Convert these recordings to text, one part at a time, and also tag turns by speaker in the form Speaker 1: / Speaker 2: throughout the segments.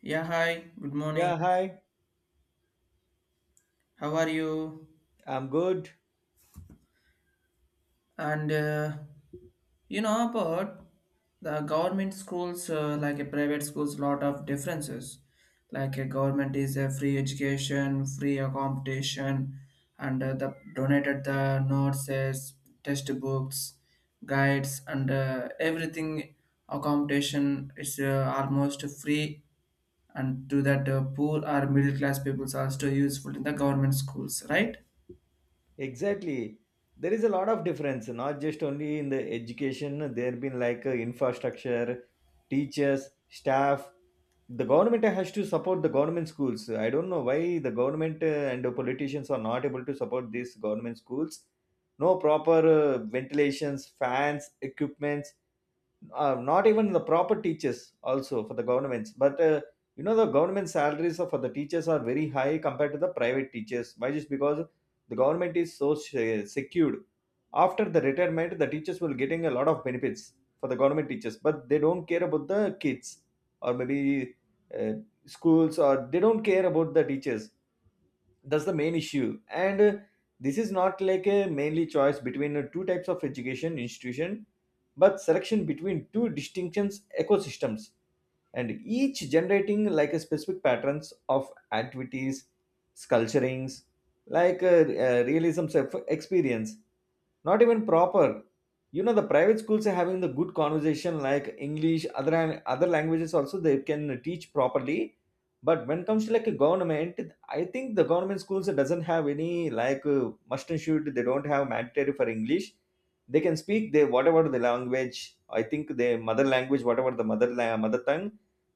Speaker 1: Yeah, hi, good morning.
Speaker 2: Yeah, hi.
Speaker 1: How are you?
Speaker 2: I'm good.
Speaker 1: And you know about the government schools, like a private schools, lot of differences. Like a government is a free education, free accommodation, and the donated the nurses, test books, guides, and everything. Accommodation is almost free, and to that poor or middle class peoples are still useful in the government schools, right?
Speaker 2: Exactly. There is a lot of difference, not just only in the education. There have been like infrastructure, teachers, staff. The government has to support the government schools. I don't know why the government and the politicians are not able to support these government schools. No proper ventilations, fans, equipments. Not even the proper teachers also for the governments but you know the government for the teachers are very high compared to the private teachers why just because the government is so secured, after the retirement the teachers will getting a lot of benefits for the government teachers, but they don't care about the kids or maybe uh, schools, or they don't care about the teachers. That's the main issue, and this is not like a mainly choice between two types of education institution but selection between two distinctions ecosystems, and each generating like a specific patterns of activities, sculpturings, like realism's experience. Not even proper, you know the private schools are having the good conversation like english, other other languages also they can teach properly. But when it comes to like a government, I think the government schools doesn't have any, like must and should, they don't have mandatory for english. They can speak they whatever the language, I think their mother language, whatever the mother tongue,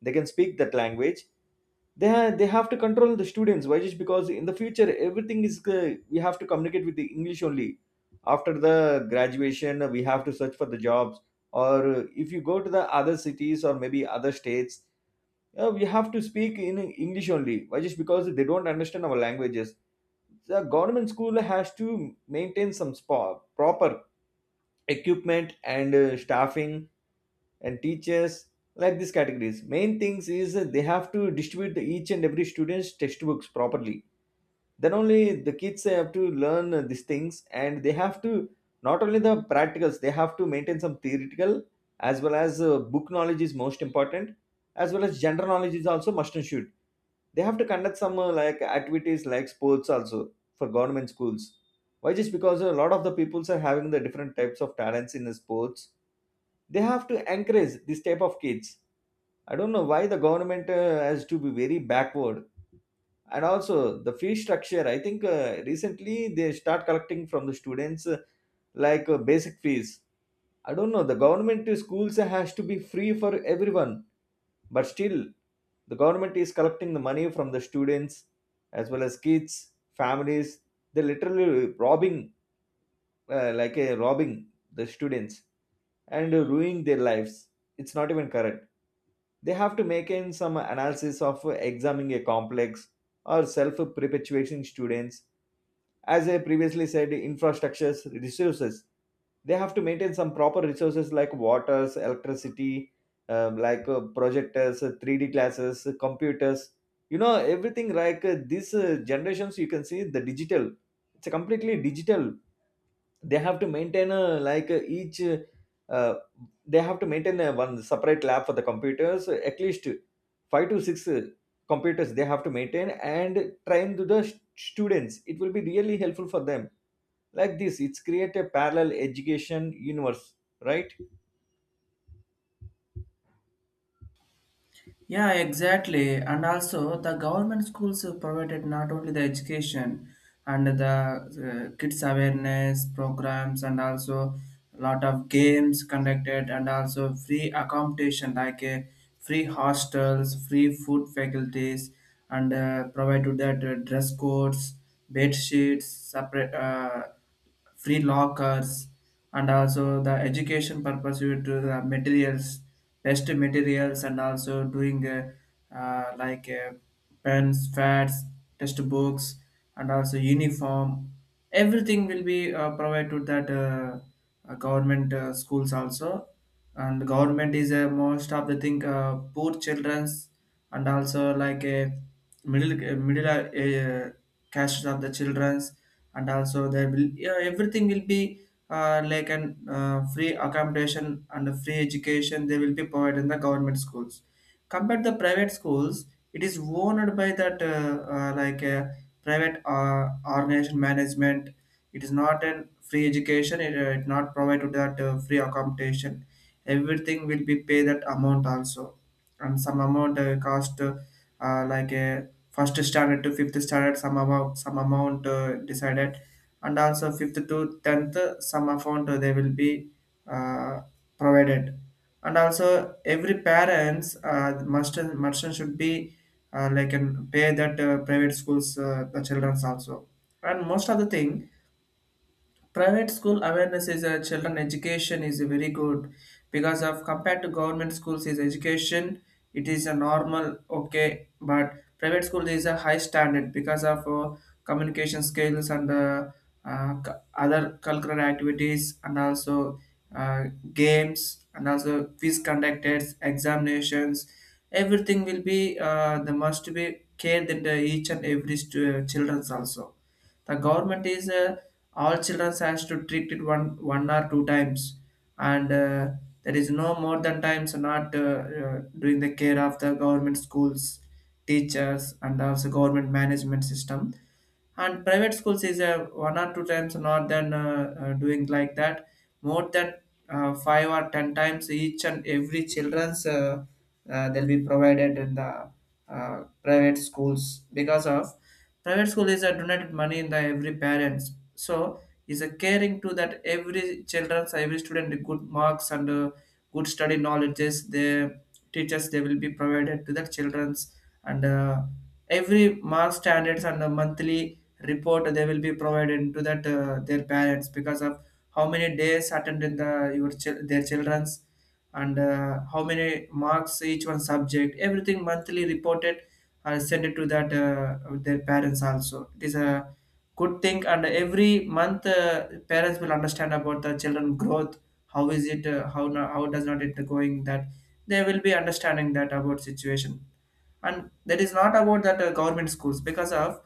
Speaker 2: they can speak that language. They have, they have to control the students why just because in the future everything is we have to communicate with the english only. After the graduation we have to search for the jobs, or if you go to the other cities or maybe other states, we have to speak in english only why just because they don't understand our languages. The government school has to maintain some spa, proper equipment and staffing and teachers. Like these categories, main things is that they have to distribute each and every student's textbooks properly. Then only the kids have to learn these things, and they have to not only the practicals, they have to maintain some theoretical, as well as book knowledge is most important, as well as general knowledge is also must and should. They have to conduct some like activities like sports also for government schools why just because a lot of the peoples are having the different types of talents in the sports. They have to encourage this type of kids. I don't know why the government has to be very backward. And also the fee structure, I think recently they start collecting from the students like basic fees. I don't know, the government schools has to be free for everyone, but still the government is collecting the money from the students as well as kids families. They're literally robbing, like a robbing the students and ruining their lives. It's not even correct. They have to make in some analysis of examining a complex or self-perpetuating students. As I previously said, infrastructures, resources. They have to maintain some proper resources like waters, electricity, like projectors, 3D classes, computers. You know everything like these generations. You can see the digital. It's a completely digital, they have to maintain a, like a each, uh, they have to maintain a one separate lab for the computers at least five to six computers they have to maintain and train to the students. It will be really helpful for them. Like this, it's create a parallel education universe, right.
Speaker 1: Yeah, exactly. And also, the government schools have provided not only the education and the kids awareness programs, and also a lot of games conducted, and also free accommodation like free hostels, free food faculties, and provide to that dress codes, bed sheets, separate. Free lockers and also the education purpose due to the materials best materials and also doing like pens pads, test books and also uniform everything will be provided to that government schools also. And government is most of the thing poor children's and also like a middle castes of the childrens, and also there will, yeah, everything will be like an free accommodation and a free education they will be provided in the government schools compared to the private schools. It is owned by that like a private organization management. It is not a free education, it it not provided that free accommodation, everything will be pay that amount also. And some amount cost like a first standard to fifth standard some amount, some amount decided, and also fifth to tenth some amount they will be uh, provided. And also every parents must should be, like, and pay that private schools the children's also. And most of the thing, private school awareness is a children education is very good because of compared to government schools is education. It is a normal, okay, but private school is a high standard because of communication skills and other cultural activities, and also uh, games and also quiz conducted examinations, everything will be the must be cared in the each and every children's also. The government is all children has to treat it one, one or two times, and there is no more than times, not doing the care of the government schools teachers, and also government management system. And private schools is one or two times not than doing like that, more than five or ten times each and every children's, they'll be provided in the private schools because of private school is a donated money in the every parents, so is a caring to that every children's, every student good marks and good study knowledges the teachers they will be provided to the children's. And every mark standards and a monthly report they will be provided to that their parents because of how many days attended the your their children's, and how many marks each one subject everything monthly reported and send it to that their parents also. It is a good thing, and every month parents will understand about the children growth, how is it, how how does not it going that they will be understanding that about situation. And that is not about that government schools because of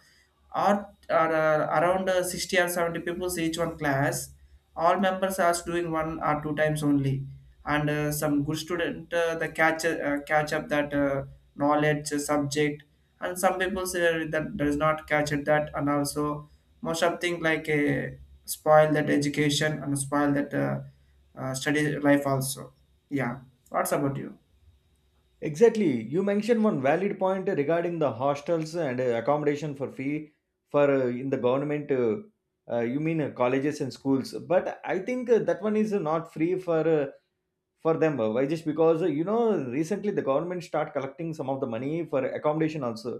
Speaker 1: are around 60 or 70 pupils each one class, all members are doing one or two times only. And some good student, the catch up that knowledge subject, and some people say that does not catch it that. And also most of thing like spoil that education and spoil that study life also. Yeah, what's about you?
Speaker 2: Exactly, you mentioned one valid point regarding the hostels and accommodation for fee for in the government you mean colleges and schools. But I think that one is not free for them why just because you know recently the government start collecting some of the money for accommodation also,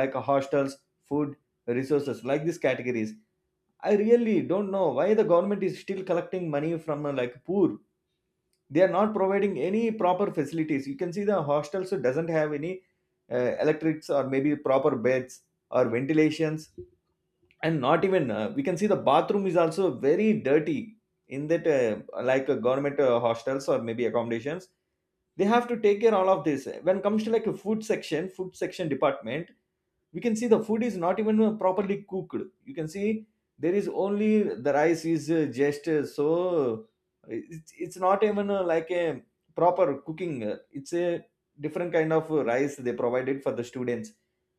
Speaker 2: like hostels, food, resources, like these categories. I really don't know why the government is still collecting money from like poor. They are not providing any proper facilities. You can see the hostels doesn't have any electrics or maybe proper beds or ventilations, and not even we can see the bathroom is also very dirty in that like government hostels or maybe accommodations. They have to take care all of this. When it comes to like a food section department, we can see the food is not even properly cooked. You can see there is only the rice is just so uh, it's not even like a proper cooking. It's a different kind of rice they provided for the students.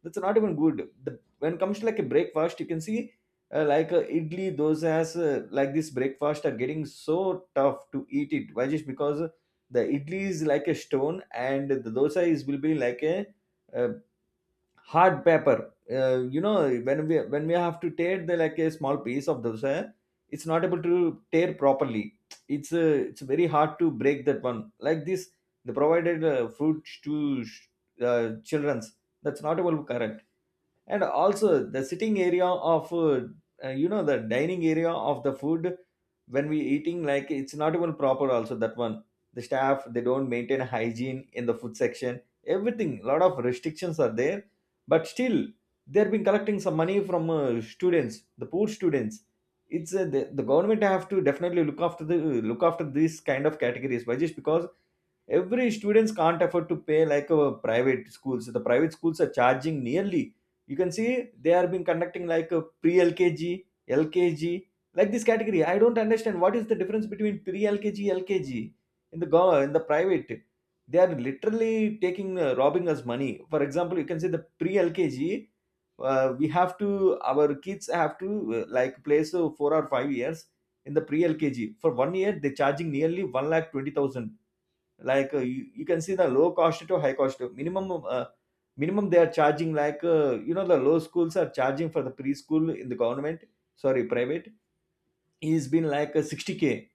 Speaker 2: That's not even good. the, when it comes to like a breakfast, you can see like idli dosas, like this breakfast are getting so tough to eat it why just because the idli is like a stone and the dosa is will be like a, uh hard paper. You know, when we have to tear the like a small piece of dosa, it's not able to tear properly. It's very hard to break that one. Like this, they provided fruit to childrens. That's not able to correct. And also the sitting area of you know the dining area of the food, when we eating like it's not even proper also that one. The staff, they don't maintain hygiene in the food section. Everything, a lot of restrictions are there, but still they've been collecting some money from students, the poor students. It's the government have to definitely look after these kind of categories why just because every students can't afford to pay like a private schools. The private schools are charging nearly, you can see they are been conducting like a pre lkg lkg. Like this category, I don't understand what is the difference between pre lkg lkg in the private. They are literally taking robbing us money. For example, you can say the pre lkg, we have to our kids have to like place 4 or 5 years in the pre lkg. For 1 year they charging nearly 1 lakh 20,000. Like you can see the low cost to high cost minimum minimum they are charging like you know the low schools are charging for the preschool in the government sorry private is been like 60K,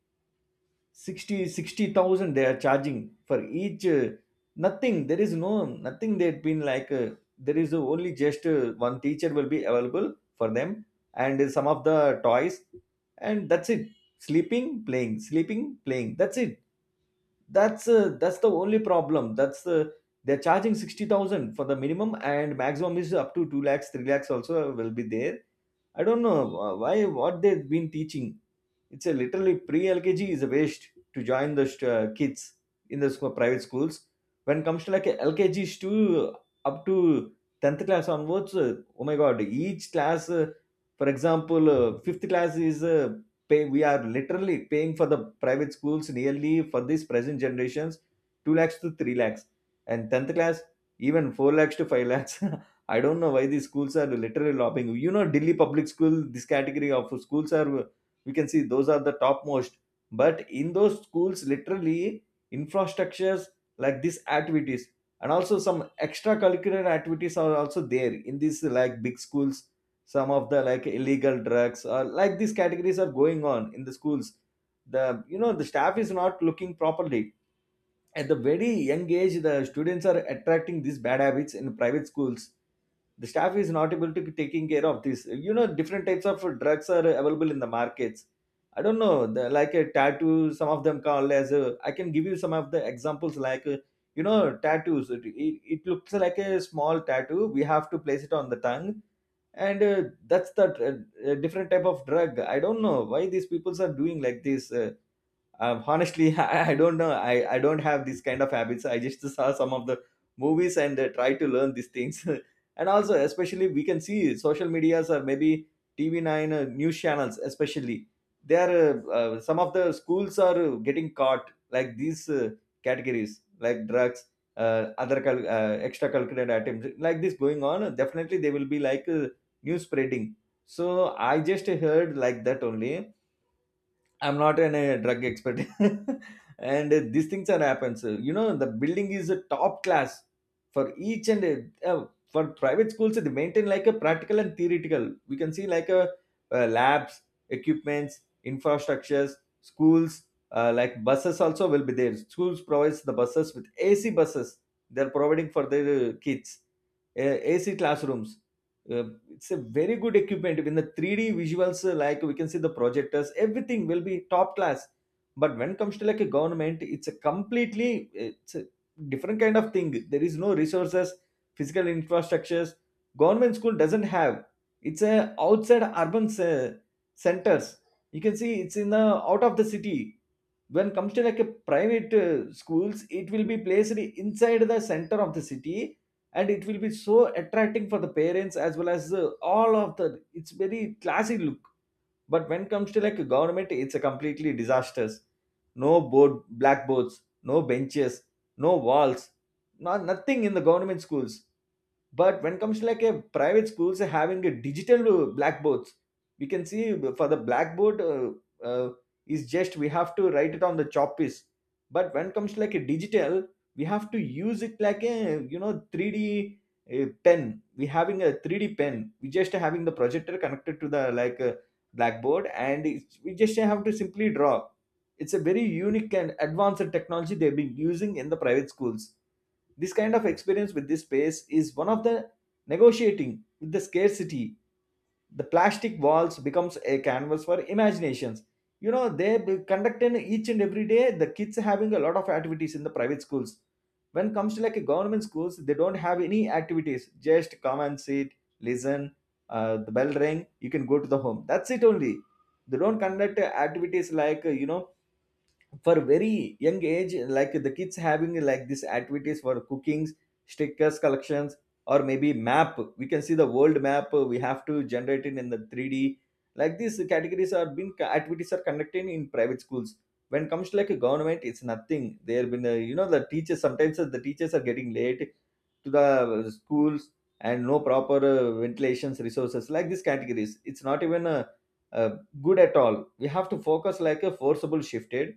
Speaker 2: 60 60,000, they are charging for each nothing. There is no nothing, they've been like there is only just one teacher will be available for them and some of the toys, and that's it. Sleeping playing, sleeping playing, that's it. That's that's the only problem. That's they're charging 60,000 for the minimum, and maximum is up to 2 lakhs 3 lakhs also will be there. I don't know why what they've been teaching. It's a literally pre-lkg is a waste to join the kids in the school private schools. When it comes to like a lkg to up to 10th class onwards, oh my god, each class for example fifth class is pay we are literally paying for the private schools nearly for this present generations 2 lakhs to 3 lakhs, and 10th class even 4 lakhs to 5 lakhs. I don't know why these schools are literally lobbying, you know, Delhi Public School, this category of schools are, we can see those are the topmost. But in those schools literally, infrastructures, like these activities, and also some extracurricular activities are also there in these like big schools. Some of the like illegal drugs or like these categories are going on in the schools. The, you know, the staff is not looking properly. At the very young age the students are attracting these bad habits in private schools. The staff is not able to be taking care of this. You know different types of drugs are available in the markets. I don't know like a tattoo, some of them call as a, I can give you some of the examples like you know tattoos, it looks like a small tattoo, we have to place it on the tongue, and that's the different type of drug. I don't know why these people are doing like this. Honestly, I don't know, I don't have this kind of habits. I just saw some of the movies, and try to learn these things. And also especially we can see social medias or maybe TV9 news channels, especially they are some of the schools are getting caught like these categories Like drugs, extracurricular items like this going on, definitely they will be like news spreading. So I just heard like that only. I'm not a drug expert, and these things are happens. You know, the building is a top class for each and for private schools. They maintain like a practical and theoretical. We can see like a labs, equipments, infrastructures, schools. Like buses also will be there. Schools provides the buses with AC buses. They're providing for their kids, AC classrooms. Uh, it's a very good equipment when the 3d visuals, like we can see the projectors, everything will be top class. But when it comes to like a government, it's a completely, it's a different kind of thing. There is no resources, physical infrastructures, government school doesn't have. It's a outside urban centers. You can see it's in the out of the city. When comes to like a private schools, it will be placed inside the center of the city, and it will be so attracting for the parents as well as, all of the, it's very classy look. But when it comes to like a government, it's a completely disasters. No board blackboards, no benches, no walls, not nothing in the government schools. But when it comes to like a private schools, having a digital blackboards. We can see for the blackboard uh, is just we have to write it on the chalk piece. But when it comes to like a digital, we have to use it like a, you know, 3d pen. We having a 3d pen, we just having the projector connected to the like blackboard, and we just have to simply draw. It's a very unique and advanced technology they've been using in the private schools. This kind of experience with this space is one of the negotiating with the scarcity. The plastic walls becomes a canvas for imaginations. You know, conduct in each and every day. The kids having a lot of activities in the private schools. When comes to like a government schools, they don't have any activities. Just come and sit, listen. The bell ring. You can go to the home. That's it only. They don't conduct activities like, you know, for very young age, like the kids having like these activities for cookings, stickers collections, or maybe map. We can see the world map, we have to generate it in the 3d. Like these categories are being activities are conducted in private schools. When it comes to like a government, it's nothing. There have been you know, the teachers, sometimes the teachers are getting late to the schools, and no proper ventilations resources. Like these categories, it's not even uh, good at all. We have to focus like a forcible shifted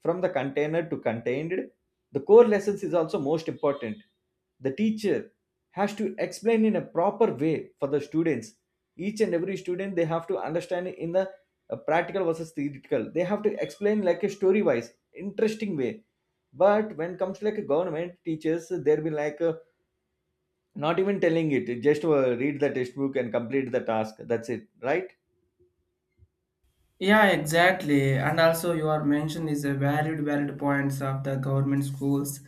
Speaker 2: from the container to contained, the core lessons is also most important. The teacher has to explain in a proper way for the students. Each and every student, they have to understand in the practical versus theoretical. They have to explain like a story wise, interesting way. But when comes to like a government teachers, they'll be like, not even telling it. Just read the textbook and complete the task. That's it, right?
Speaker 1: Yeah, exactly. And also, your mention is a valid points of the government schools,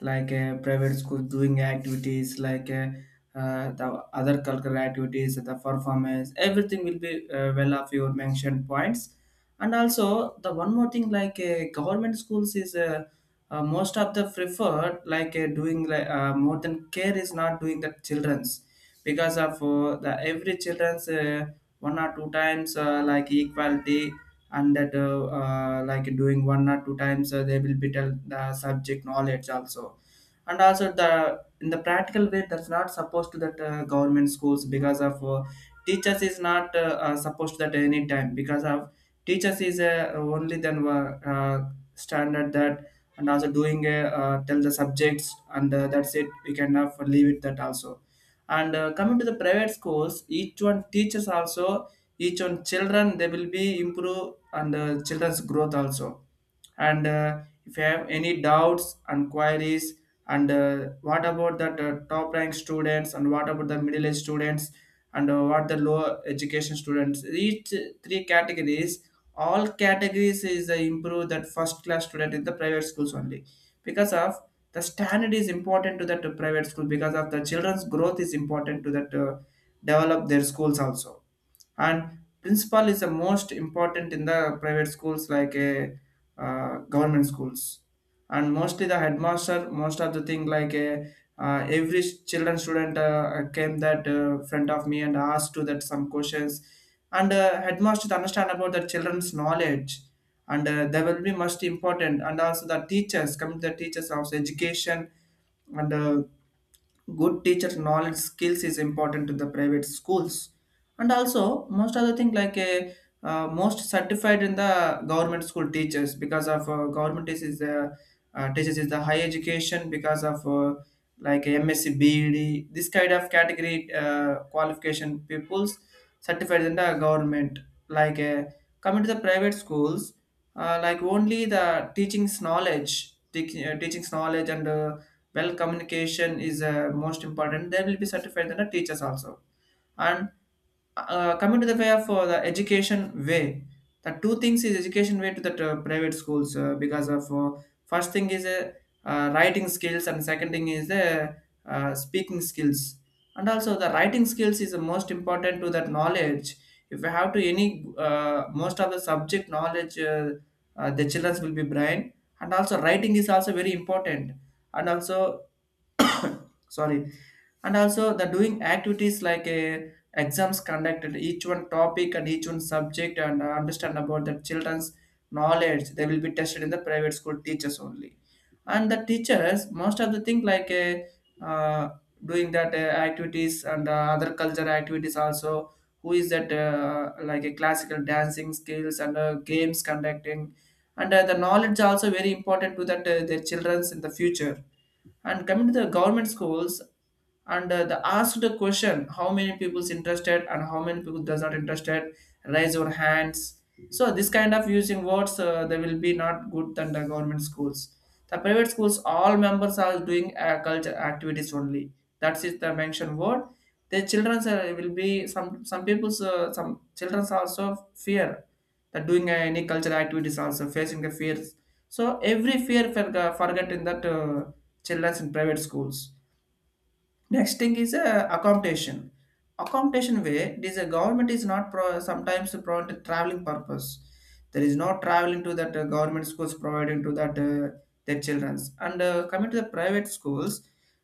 Speaker 1: like private schools doing activities, like the other cultural activities, the performance, everything will be well of your mentioned points. And also, the one more thing, like government schools is most of the preferred, like doing like more than care is not doing the children's because of the every children's. One or two times like equality, and that like doing one or two times they will be tell the subject knowledge also, and also the in the practical way that's not supposed to that government schools because of teachers is not supposed to that any time because of teachers is only then standard that, and also doing a, tell the subjects and that's it, we cannot leave it that also. And coming to the private schools, each one teaches also, each one children, they will be improve and children's growth also. And if you have any doubts and queries, and what about that top rank students, and what about the middle age students, and what the low education students? Each three categories, all categories is improve that first class student in the private schools only because of the standard is important to that private school because of the children's growth is important to that develop their schools also. And principal is the most important in the private schools like a government schools. And mostly the headmaster most of the thing like every children student came that front of me and asked to that some questions, and headmaster to understand about the children's knowledge, and they will be most important. And also the teachers come to the teachers of education, and good teacher knowledge skills is important to the private schools. And also most other thing like a most certified in the government school teachers because of government is teachers is the high education because of like msc bed, this kind of category qualification pupils certified in the government. like uh, Coming to the private schools, like only the teachings knowledge and well communication is most important, they will be certified than the teachers also. And coming to the way of the education way, the two things is education way to the private schools, because of first thing is writing skills and second thing is the speaking skills. And also the writing skills is the most important to that knowledge. If you have to any most of the subject knowledge, the children will be brain, and also writing is also very important. And also sorry, and also the doing activities like a exams conducted each one topic and each one subject, and understand about the children's knowledge, they will be tested in the private school teachers only. And the teachers most of the thing like a uh, doing that activities and other culture activities also, who is that like a classical dancing skills and games conducting, and the knowledge also very important to that their children's in the future. And coming to the government schools, and the asked the question, how many people's interested and how many people does not interested, raise your hands. So this kind of using words they will be not good than the government schools. The private schools, all members are doing culture activities only. That is the mention word. The childrens will be some people's, some childrens also fear, that doing any cultural activities also facing the fears. So every fear for forget in that childrens in private schools. Next thing is accommodation. Accommodation way, it is a government is not sometimes provided traveling purpose. There is no traveling to that government schools providing to that their childrens. And coming to the private schools,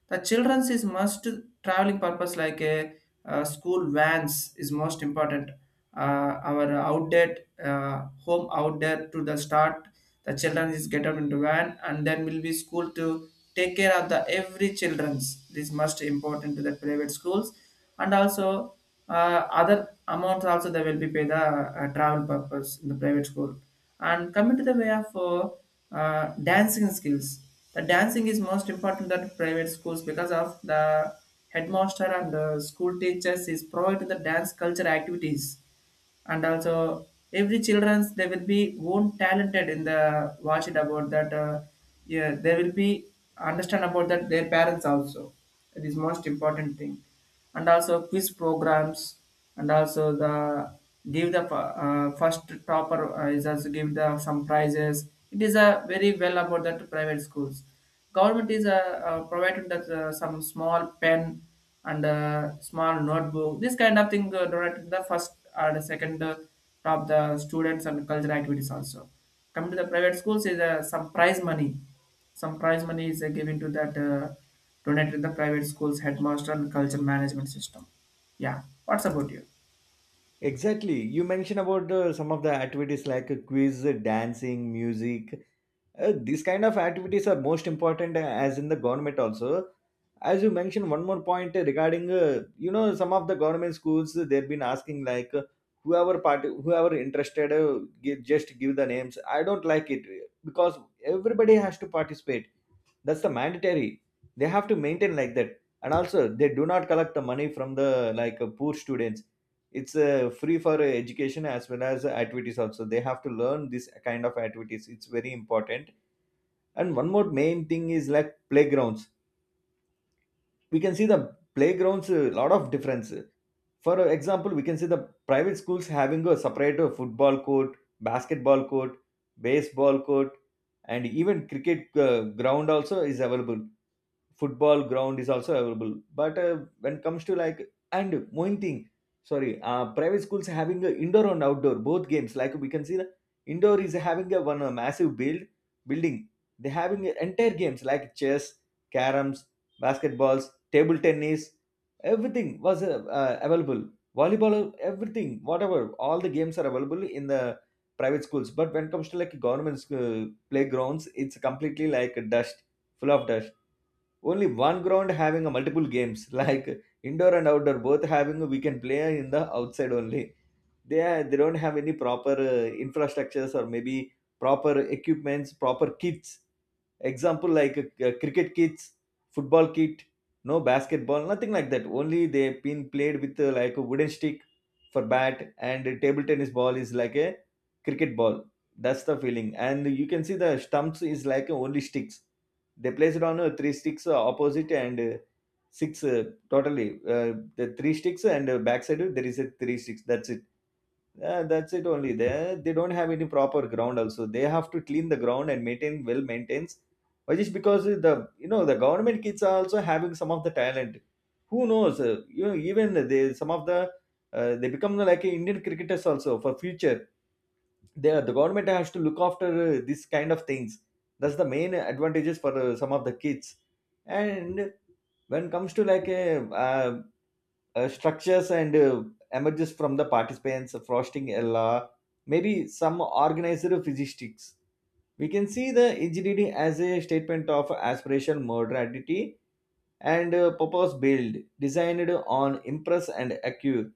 Speaker 1: the childrens is must traveling purpose like a school vans is most important. Our outlet, home outlet to the start, the children is get up into van and then will be school to take care of the every children's. This must important to the private schools, and also uh, other amounts also they will be pay the travel purpose in the private school. And coming to the way of dancing skills, the dancing is most important at private schools because of the headmaster and the school teachers is providing the dance culture activities. And also every childrens they will be own talented in the watch it about that, yeah they will be understand about that their parents also, it is most important thing. And also quiz programs, and also the give the first topper is also give the some prizes, it is a very well about that private schools. Government is provided that some small pen and a small notebook. This kind of thing donated the first or the second top the students and cultural activities also. Coming to the private schools is some prize money. Some prize money is given to that donated to the private schools headmaster and culture management system. Yeah, what's about you?
Speaker 2: Exactly. You mentioned about some of the activities like, quiz, dancing, music. These kind of activities are most important as in the government also. As you mentioned, one more point regarding, you know, some of the government schools they've been asking like, whoever part, whoever interested, just give the names. I don't like it because everybody has to participate. That's the mandatory. They have to maintain like that. And also, they do not collect the money from the like poor students. It's free for education as well as activities also. They have to learn this kind of activities, it's very important. And one more main thing is like playgrounds. We can see the playgrounds a lot of difference. For example, we can see the private schools having a separate football court, basketball court, baseball court, and even cricket ground also is available. Football ground is also available. But when it comes to like, and one thing, sorry, private schools having a indoor and outdoor both games. Like we can see the indoor is having a one a massive building. They having entire games like chess, caroms, basketballs, table tennis, everything was available, volleyball, everything, whatever, all the games are available in the private schools. But when it comes to like government playgrounds, it's completely like dust, full of dust. Only one ground having a multiple games, like indoor and outdoor both having, we can play in the outside only. They don't have any proper infrastructures, or maybe proper equipments, proper kits. Example like a cricket kits, football kit, no basketball, nothing like that. Only they've been played with, like a wooden stick for bat, and a table tennis ball is like a cricket ball. That's the feeling. And you can see the stumps is like only sticks. They place it on three sticks, opposite, and six totally, the three sticks, and backside there is a three sticks, that's it. That's it only. They don't have any proper ground also. They have to clean the ground and maintain, well maintains. Why? Just because the, you know, the government kids are also having some of the talent. Who knows, you know, even they, some of the, they become like Indian cricketers also for future. The government has to look after this kind of things. That's the main advantages for some of the kids. And when it comes to like uh, structures and, emerges from the participants frosting a law, maybe some organizer physistics. We can see the engineering as a statement of aspiration, modernity, and purpose built, designed on impress and accure.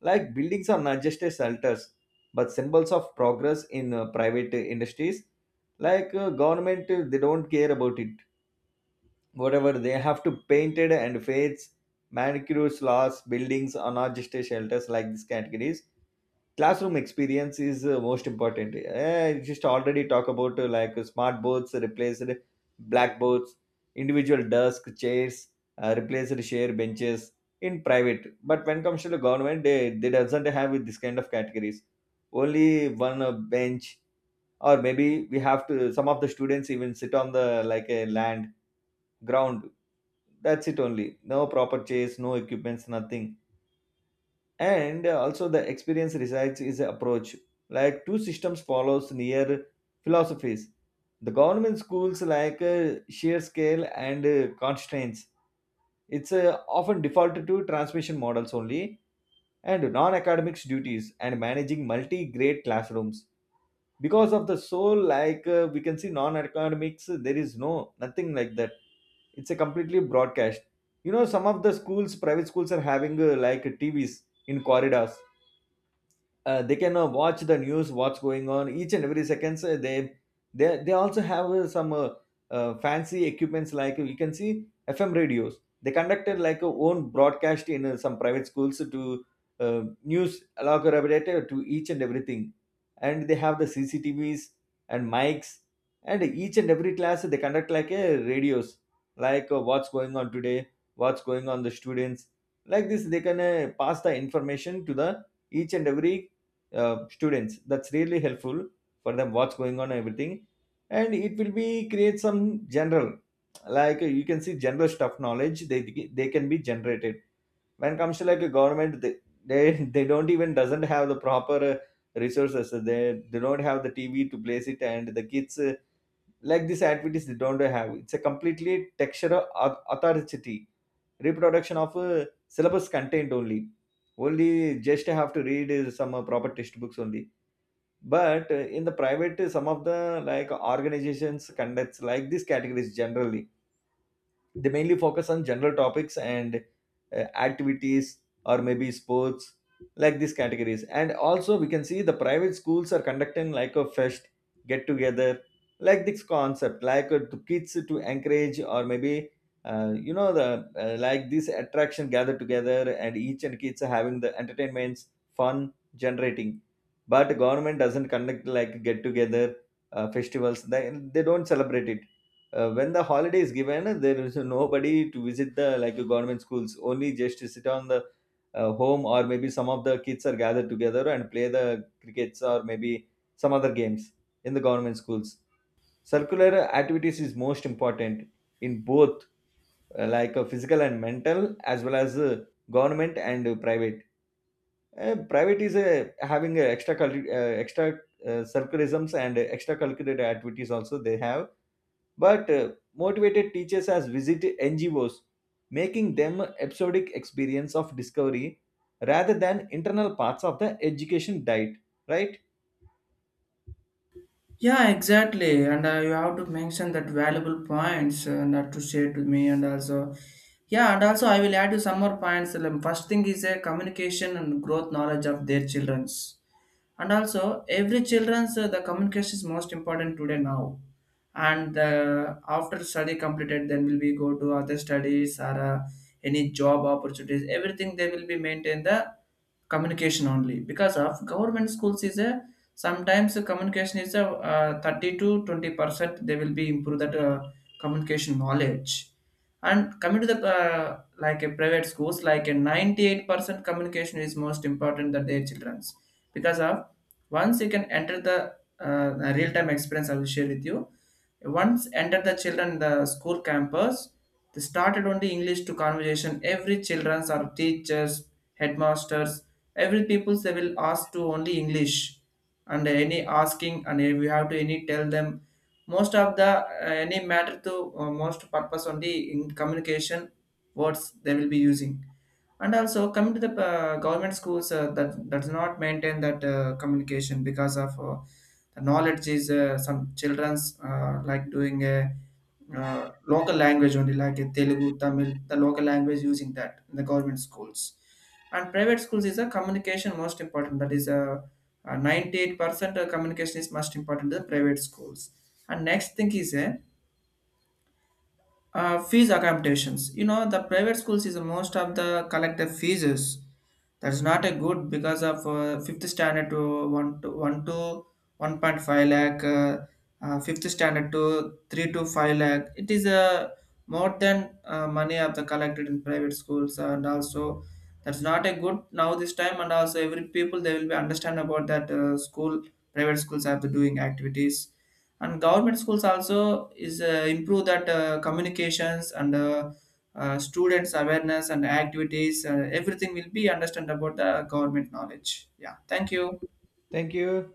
Speaker 2: Like buildings are not just a shelters, but symbols of progress in private industries. Like government, they don't care about it. Whatever they have to paint it and fades, manicures, laws, buildings are not just a shelters. Like these categories, classroom experience is most important. Eh, just already talk about, like smart boards replaced blackboards, individual desk chairs replaced share benches in private. But when comes to the government, they doesn't have this kind of categories. Only one bench, or maybe we have to, some of the students even sit on the like a land, ground. That's it only. No proper chairs, no equipments, nothing. And also, the experience resides is a approach. Like two systems follows near philosophies. The government schools, like sheer scale and constraints, it's often defaulted to transmission models only and non-academics duties and managing multi-grade classrooms. Because of the soul, like we can see non-academics, there is no nothing like that. It's a completely broadcast. You know, some of the schools, private schools, are having, like tvs in corridors. They can watch the news, what's going on each and every seconds. They also have some, fancy equipments, like you can see fm radios. They conducted like a own broadcast in some private schools to, uh, news elaborated to each and everything. And they have the cctvs and mics, and each and every class they conduct like a radios, like what's going on today, what's going on the students. Like this, they can pass the information to the each and every students. That's really helpful for them, what's going on, and everything. And it will be create some general, like you can see general stuff knowledge, they can be generated. When it comes to like a government, they don't even doesn't have the proper resources. They don't have the tv to place it and the kids, like these activities, they don't have. It's a completely textural authority, reproduction of syllabus content only. Only just have to read some proper textbooks only. But in the private, some of the like organizations conducts like this categories. Generally, they mainly focus on general topics and activities, or maybe sports, like these categories. And also, we can see the private schools are conducting like a fest, get together, like this concept, like to kids, to encourage or maybe. You know the, like this attraction, gather together, and each and kids are having the entertainments, fun generating. But government doesn't conduct like get together, festivals. They don't celebrate it. When the holiday is given, there is nobody to visit the like government schools. Only just to sit on the, home, or maybe some of the kids are gathered together and play the crickets or maybe some other games in the government schools. Circular activities is most important in both, like physical and mental, as well as, government and private. Private is having, extra circularisms and extracurricular activities also they have. But motivated teachers has visited NGOs, making them episodic experience of discovery rather than internal parts of the education diet. Right?
Speaker 1: Yeah, exactly. And you have to mention that valuable points and to share to me and also, yeah, and also I will add you some more points. First thing is a communication and growth knowledge of their childrens. And also every children's the communication is most important today now, and after study completed then will we go to other studies or any job opportunities, everything they will be maintain the communication only because of government schools is a sometimes the communication is a 30 to 20% they will be improve that communication knowledge. And coming to the like a private schools like a 98% communication is most important that their children's, because of once you can enter the real time experience I will share with you. Once enter the children the school campus, they started only english to conversation, every children's or teachers, headmasters, every people they will ask to only english. And any asking and we have to any tell them, most of the any matter to most purpose only in communication words they will be using. And also coming to the government schools, that that does not maintain that communication because of the knowledge is some children's like doing a local language only, like a Telugu, Tamil, the local language using that in the government schools. And private schools is a communication most important. That is a 98% of communication is most important in the private schools. And next thing is a fees accommodations. You know, the private schools is most of the collective fees. That's not a good because of fifth standard to one point five lakh, fifth standard to 3 to 5 lakh. It is more than money of the collected in private schools, and also that's not a good now this time. And also every people they will be understand about that school private schools have the doing activities, and government schools also is improve that communications and students awareness and activities everything will be understand about the government knowledge. Yeah, thank you.
Speaker 2: Thank you.